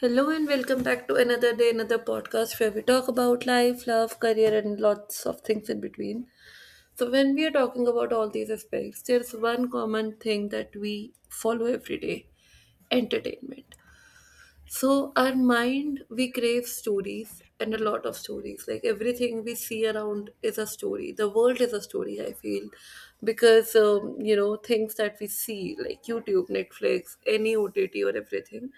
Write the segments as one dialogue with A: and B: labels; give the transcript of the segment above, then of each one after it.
A: Hello and welcome back to another day, another podcast where we talk about life, love, career, and lots of things in between. So when we are talking about all these aspects, there's one common thing that we follow every day: entertainment. So our mind, we crave stories and a lot of stories. Like everything we see around is a story. The world is a story, I feel, because things that we see, like YouTube, Netflix, any OTT or everything,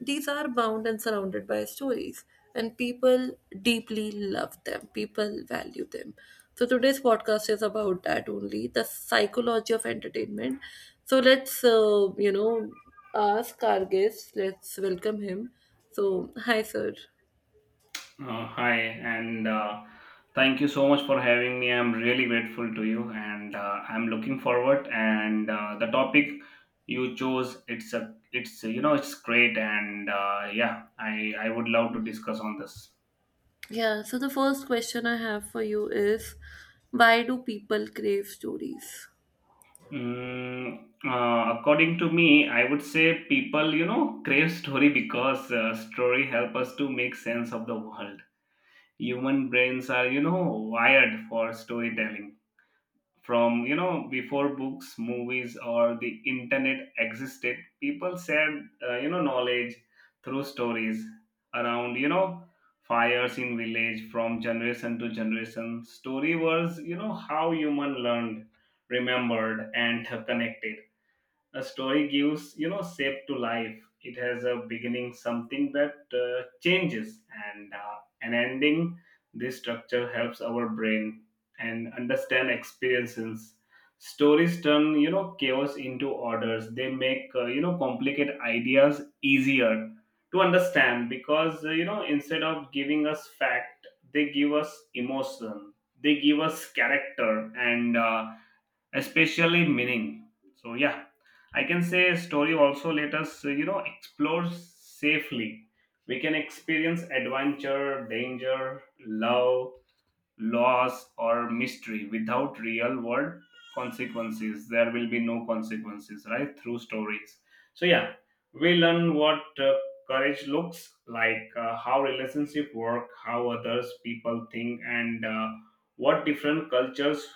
A: these are bound and surrounded by stories, and people deeply love them. People value them. So today's podcast is about that only: the psychology of entertainment. So let's ask our guest. Let's welcome him. So hi, sir.
B: Hi, and thank you so much for having me. I'm really grateful to you, and I'm looking forward. And the topic you chose, it's a, it's you know, it's great, and yeah, I would love to discuss on this.
A: Yeah, so the first question I have for you is, why do people crave stories?
B: According to me, I would say people crave story because story help us to make sense of the world. Human brains are wired for storytelling from before books, movies, or the internet existed, people shared knowledge through stories around fires in village, from generation to generation. Story was how human learned, remembered, and connected. A story gives shape to life. It has a beginning, something that changes, and an ending. This structure helps our brain and understand experiences. Stories turn chaos into orders. They make complicated ideas easier to understand because instead of giving us fact, they give us emotion, they give us character, and especially meaning. So yeah, I can say story also let us explore safely. We can experience adventure, danger, love, laws, or mystery without real world consequences. There will be no consequences, right, through stories. So yeah, we learn what courage looks like, how relationship work, how others people think, and what different cultures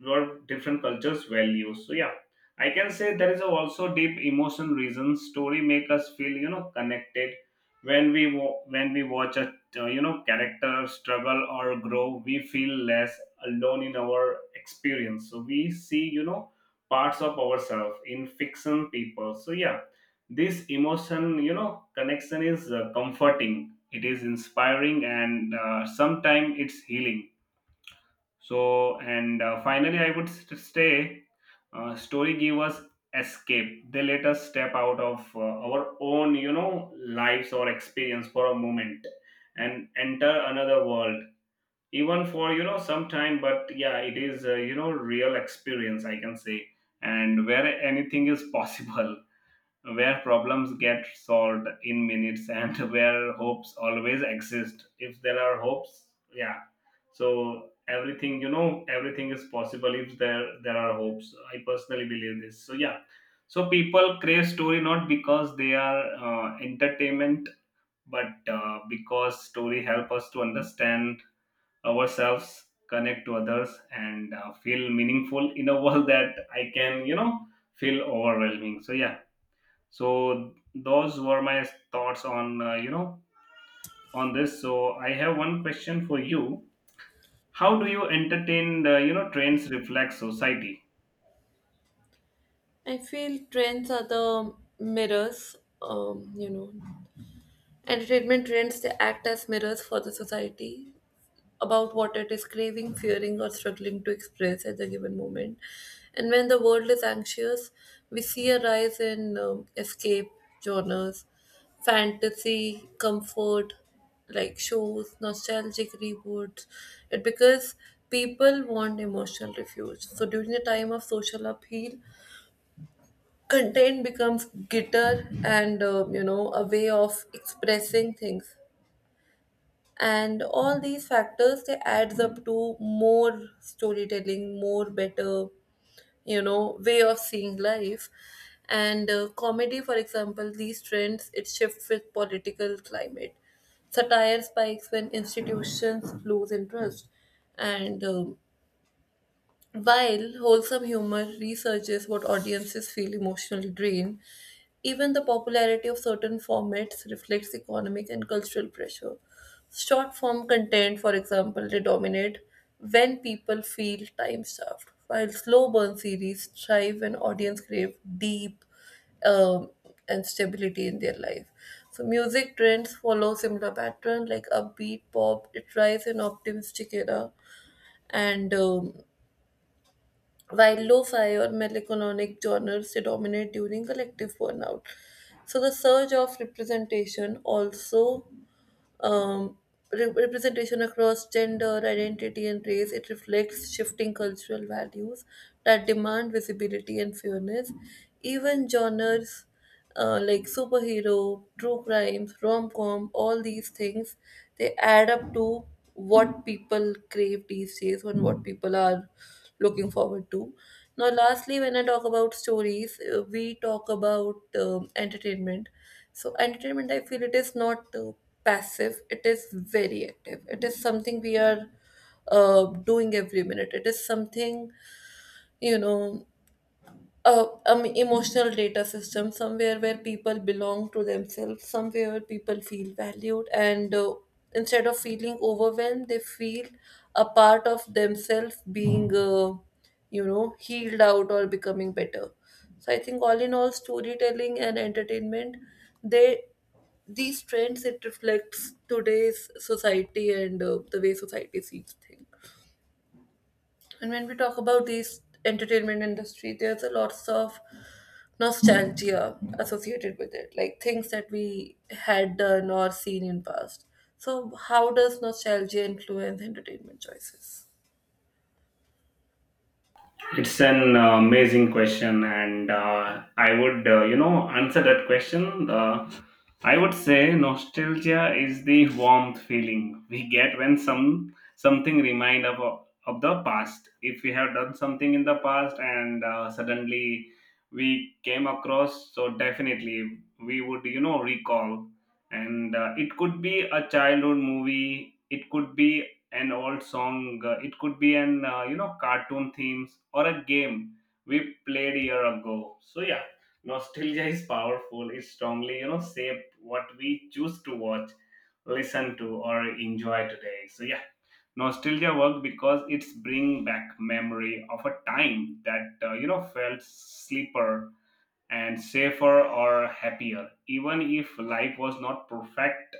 B: value. So yeah, I can say there is a also deep emotion reason story make us feel connected. When we watch a character struggle or grow, we feel less alone in our experience. So we see parts of ourselves in fiction people. So yeah, this emotion connection is comforting, it is inspiring, and sometimes it's healing. So, and finally, I would say story give us escape. They let us step out of our own lives or experience for a moment and enter another world. Even for some time, but yeah, it is real experience I can say, and where anything is possible, where problems get solved in minutes and where hopes always exist if there are hopes. Yeah, so everything everything is possible if there are hopes. I personally believe this. So yeah, so people crave story not because they are entertainment, but because story help us to understand ourselves, connect to others, and feel meaningful in a world that I can feel overwhelming. So yeah, so those were my thoughts on on this. So I have one question for you. How do you entertain the trends reflect society?
A: I feel trends are the mirrors. um, you know, entertainment trends, they act as mirrors for the society about what it is craving, fearing, or struggling to express at the given moment. And when the world is anxious, we see a rise in escape genres, fantasy, comfort, like shows, nostalgic reboots. It because people want emotional refuge. So during the time of social upheaval, content becomes guitar and a way of expressing things, and all these factors, they adds up to more storytelling, more better, you know, way of seeing life. And comedy, for example, these trends, it shifts with political climate. Satire spikes when institutions lose interest, and while wholesome humor researches what audiences feel emotionally drained. Even the popularity of certain formats reflects economic and cultural pressure. Short form content, for example, they dominate when people feel time starved, while slow burn series thrive when audience crave deep um, and stability in their life. So music trends follow similar pattern, like upbeat pop, it rise in optimistic era, and while lo-fi or melancholic genres predominate during collective burnout. So the surge of representation also, um, representation across gender, identity, and race. It reflects shifting cultural values that demand visibility and fairness. Even genres like superhero, true crimes, rom com, all these things, they add up to what people crave these days and what people are looking forward to. Now, lastly, when I talk about stories, we talk about entertainment. So entertainment, I feel it is not passive, it is very active. It is something we are doing every minute. It is something, you know, emotional data system somewhere where people belong to themselves, somewhere where people feel valued, and instead of feeling overwhelmed, they feel a part of themselves being, you know, healed out or becoming better. So I think all in all, storytelling and entertainment, they, these trends, it reflects today's society and the way society sees things. And when we talk about these entertainment industry, there's a lots of nostalgia associated with it, like things that we had done or seen in past. So how does nostalgia influence entertainment choices?
B: It's an amazing question, and I would, answer that question. I would say nostalgia is the warmth feeling we get when something remind of the past. If we have done something in the past and suddenly we came across, so definitely we would recall. And It could be a childhood movie. It could be an old song, it could be an cartoon themes or a game we played a year ago. So yeah, nostalgia is powerful. It strongly shape what we choose to watch, listen to, or enjoy today. So yeah, nostalgia work because it's bring back memory of a time that felt sleeper and safer or happier, even if life was not perfect.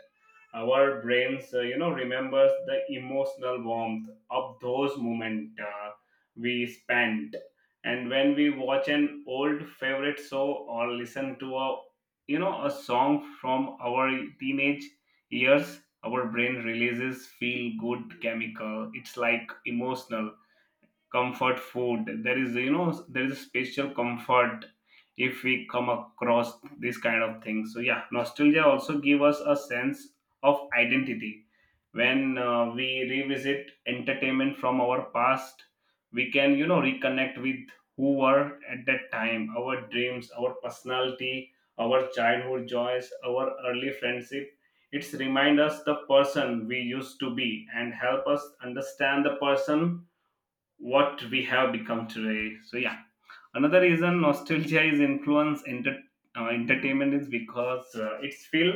B: Our brains remembers the emotional warmth of those moments we spent. And when we watch an old favorite show or listen to a you know a song from our teenage years, our brain releases feel good chemical. It's like emotional comfort food. There is a special comfort if we come across this kind of thing. So yeah, nostalgia also give us a sense of identity. When we revisit entertainment from our past, we can reconnect with who were at that time, our dreams, our personality, our childhood joys, our early friendship. It's remind us the person we used to be, and help us understand the person what we have become today. So yeah, another reason nostalgia is influence entertainment is because it's feel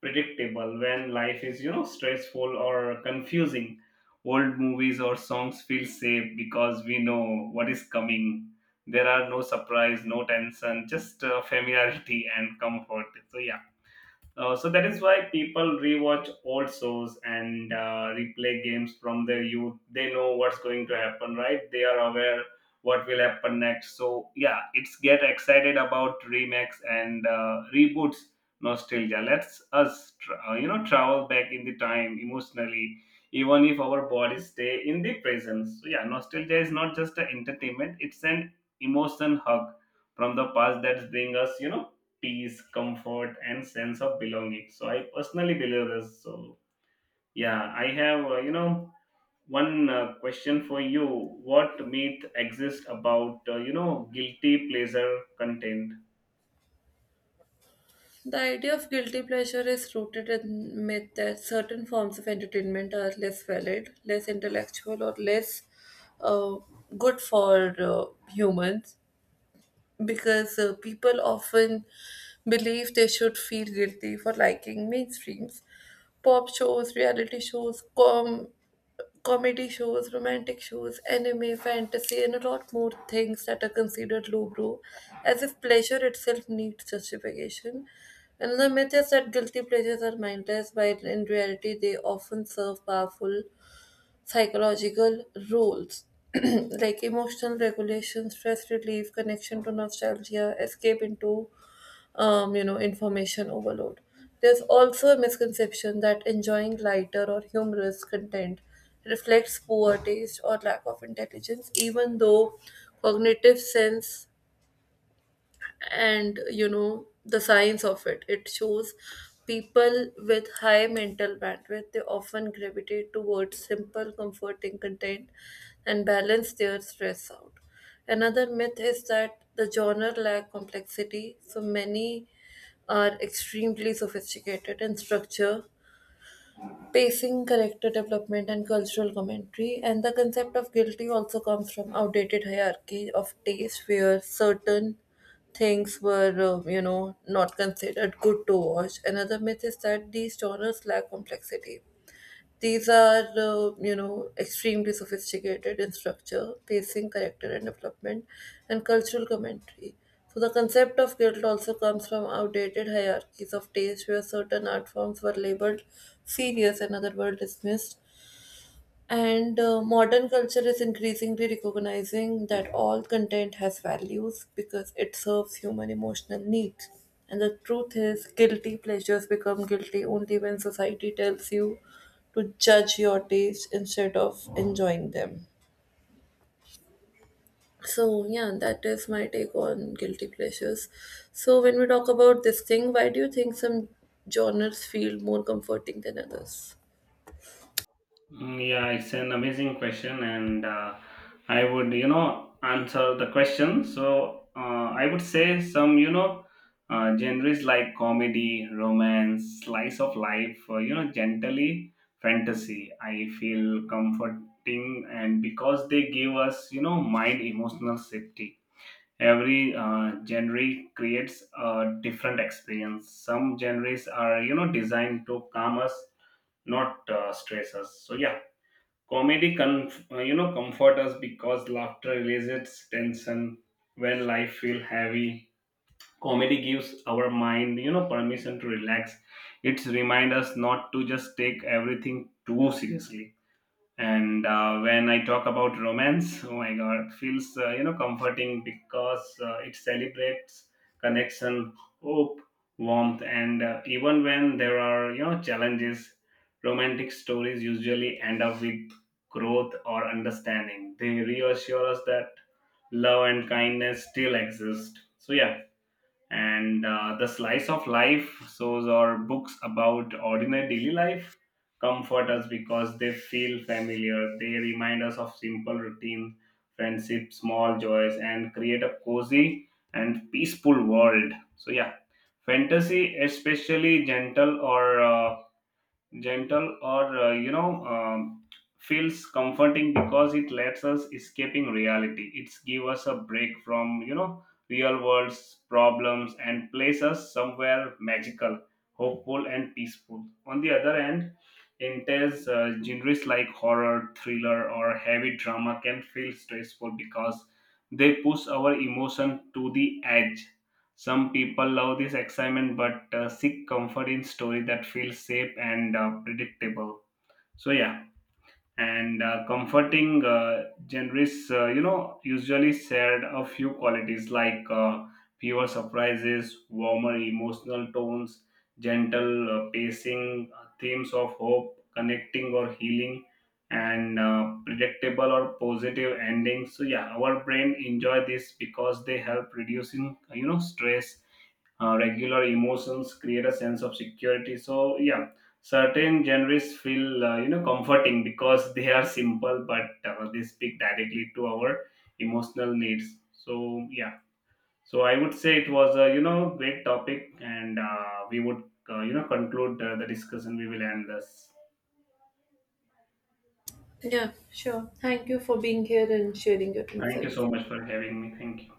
B: predictable when life is stressful or confusing. Old movies or songs feel safe because we know what is coming. There are no surprise, no tension, just familiarity and comfort. So yeah. So that is why people rewatch old shows and replay games from their youth. They know what's going to happen, right? They are aware what will happen next. So yeah, it's get excited about remakes and reboots. Nostalgia lets us, travel back in the time emotionally, even if our bodies stay in the present. So yeah, nostalgia is not just an entertainment; it's an emotion hug from the past that brings us, peace, comfort, and sense of belonging. So I personally believe this. So yeah, I have one question for you. What myth exists about guilty pleasure content?
A: The idea of guilty pleasure is rooted in myth that certain forms of entertainment are less valid, less intellectual, or less uh, good for humans, because people often believe they should feel guilty for liking mainstreams pop shows, reality shows, comedy shows, romantic shows, anime, fantasy, and a lot more things that are considered lowbrow, as if pleasure itself needs justification. And the myth is that guilty pleasures are mindless, while in reality they often serve powerful psychological roles like emotional regulation, stress relief, connection to nostalgia, escape into information overload. There's also a misconception that enjoying lighter or humorous content reflects poor taste or lack of intelligence, even though cognitive sense and, you know, the science of it, it shows people with high mental bandwidth, they often gravitate towards simple comforting content and balance their stress out. Another myth is that the genre lack complexity, so many are extremely sophisticated in structure, pacing, character development, and cultural commentary. And the concept of guilty also comes from outdated hierarchy of taste, where certain things were, you know, not considered good to watch. Another myth is that these genres lack complexity. These are, you know, extremely sophisticated in structure, pacing, character and development, and cultural commentary. So the concept of guilt also comes from outdated hierarchies of taste, where certain art forms were labeled serious and other were dismissed, and modern culture is increasingly recognizing that all content has values because it serves human emotional needs. And the truth is, guilty pleasures become guilty only when society tells you to judge your taste instead of enjoying them. So yeah, that is my take on guilty pleasures. So when we talk about this thing, why do you think some genres feel more comforting than others?
B: Mm, yeah, it's an amazing question, and I would answer the question. I would say some genres like comedy, romance, slice of life, gently fantasy. I feel comforting, and because they give us mind emotional safety. Every genre creates a different experience. Some genres are designed to calm us, not stress us. So yeah. Comedy can comfort us because laughter releases tension when life feels heavy. Comedy gives our mind permission to relax. It reminds us not to just take everything too seriously. And when I talk about romance, oh my god, feels comforting because it celebrates connection, hope, warmth, and even when there are challenges, romantic stories usually end up with growth or understanding. They reassure us that love and kindness still exist. So yeah, and the slice of life shows or books about ordinary daily life comfort us because they feel familiar. They remind us of simple routine, friendship, small joys, and create a cozy and peaceful world. So yeah, fantasy especially gentle or feels comforting because it lets us escaping reality. It's give us a break from real world's problems and place us somewhere magical, hopeful, and peaceful. On the other hand, intense genres like horror, thriller, or heavy drama can feel stressful because they push our emotion to the edge. Some people love this excitement but seek comfort in story that feels safe and predictable. So yeah, and comforting genres, usually shared a few qualities like fewer surprises, warmer emotional tones, gentle pacing, themes of hope, connecting or healing, and predictable or positive endings. So yeah, our brain enjoy this because they help reducing stress regular emotions create a sense of security. So yeah, certain genres feel comforting because they are simple, but they speak directly to our emotional needs. So yeah, so I would say it was a great topic, and we would conclude the discussion. We will end this.
A: Yeah, sure. Thank you for being here and sharing your
B: Thank you
A: insights.
B: so much for having me. Thank you.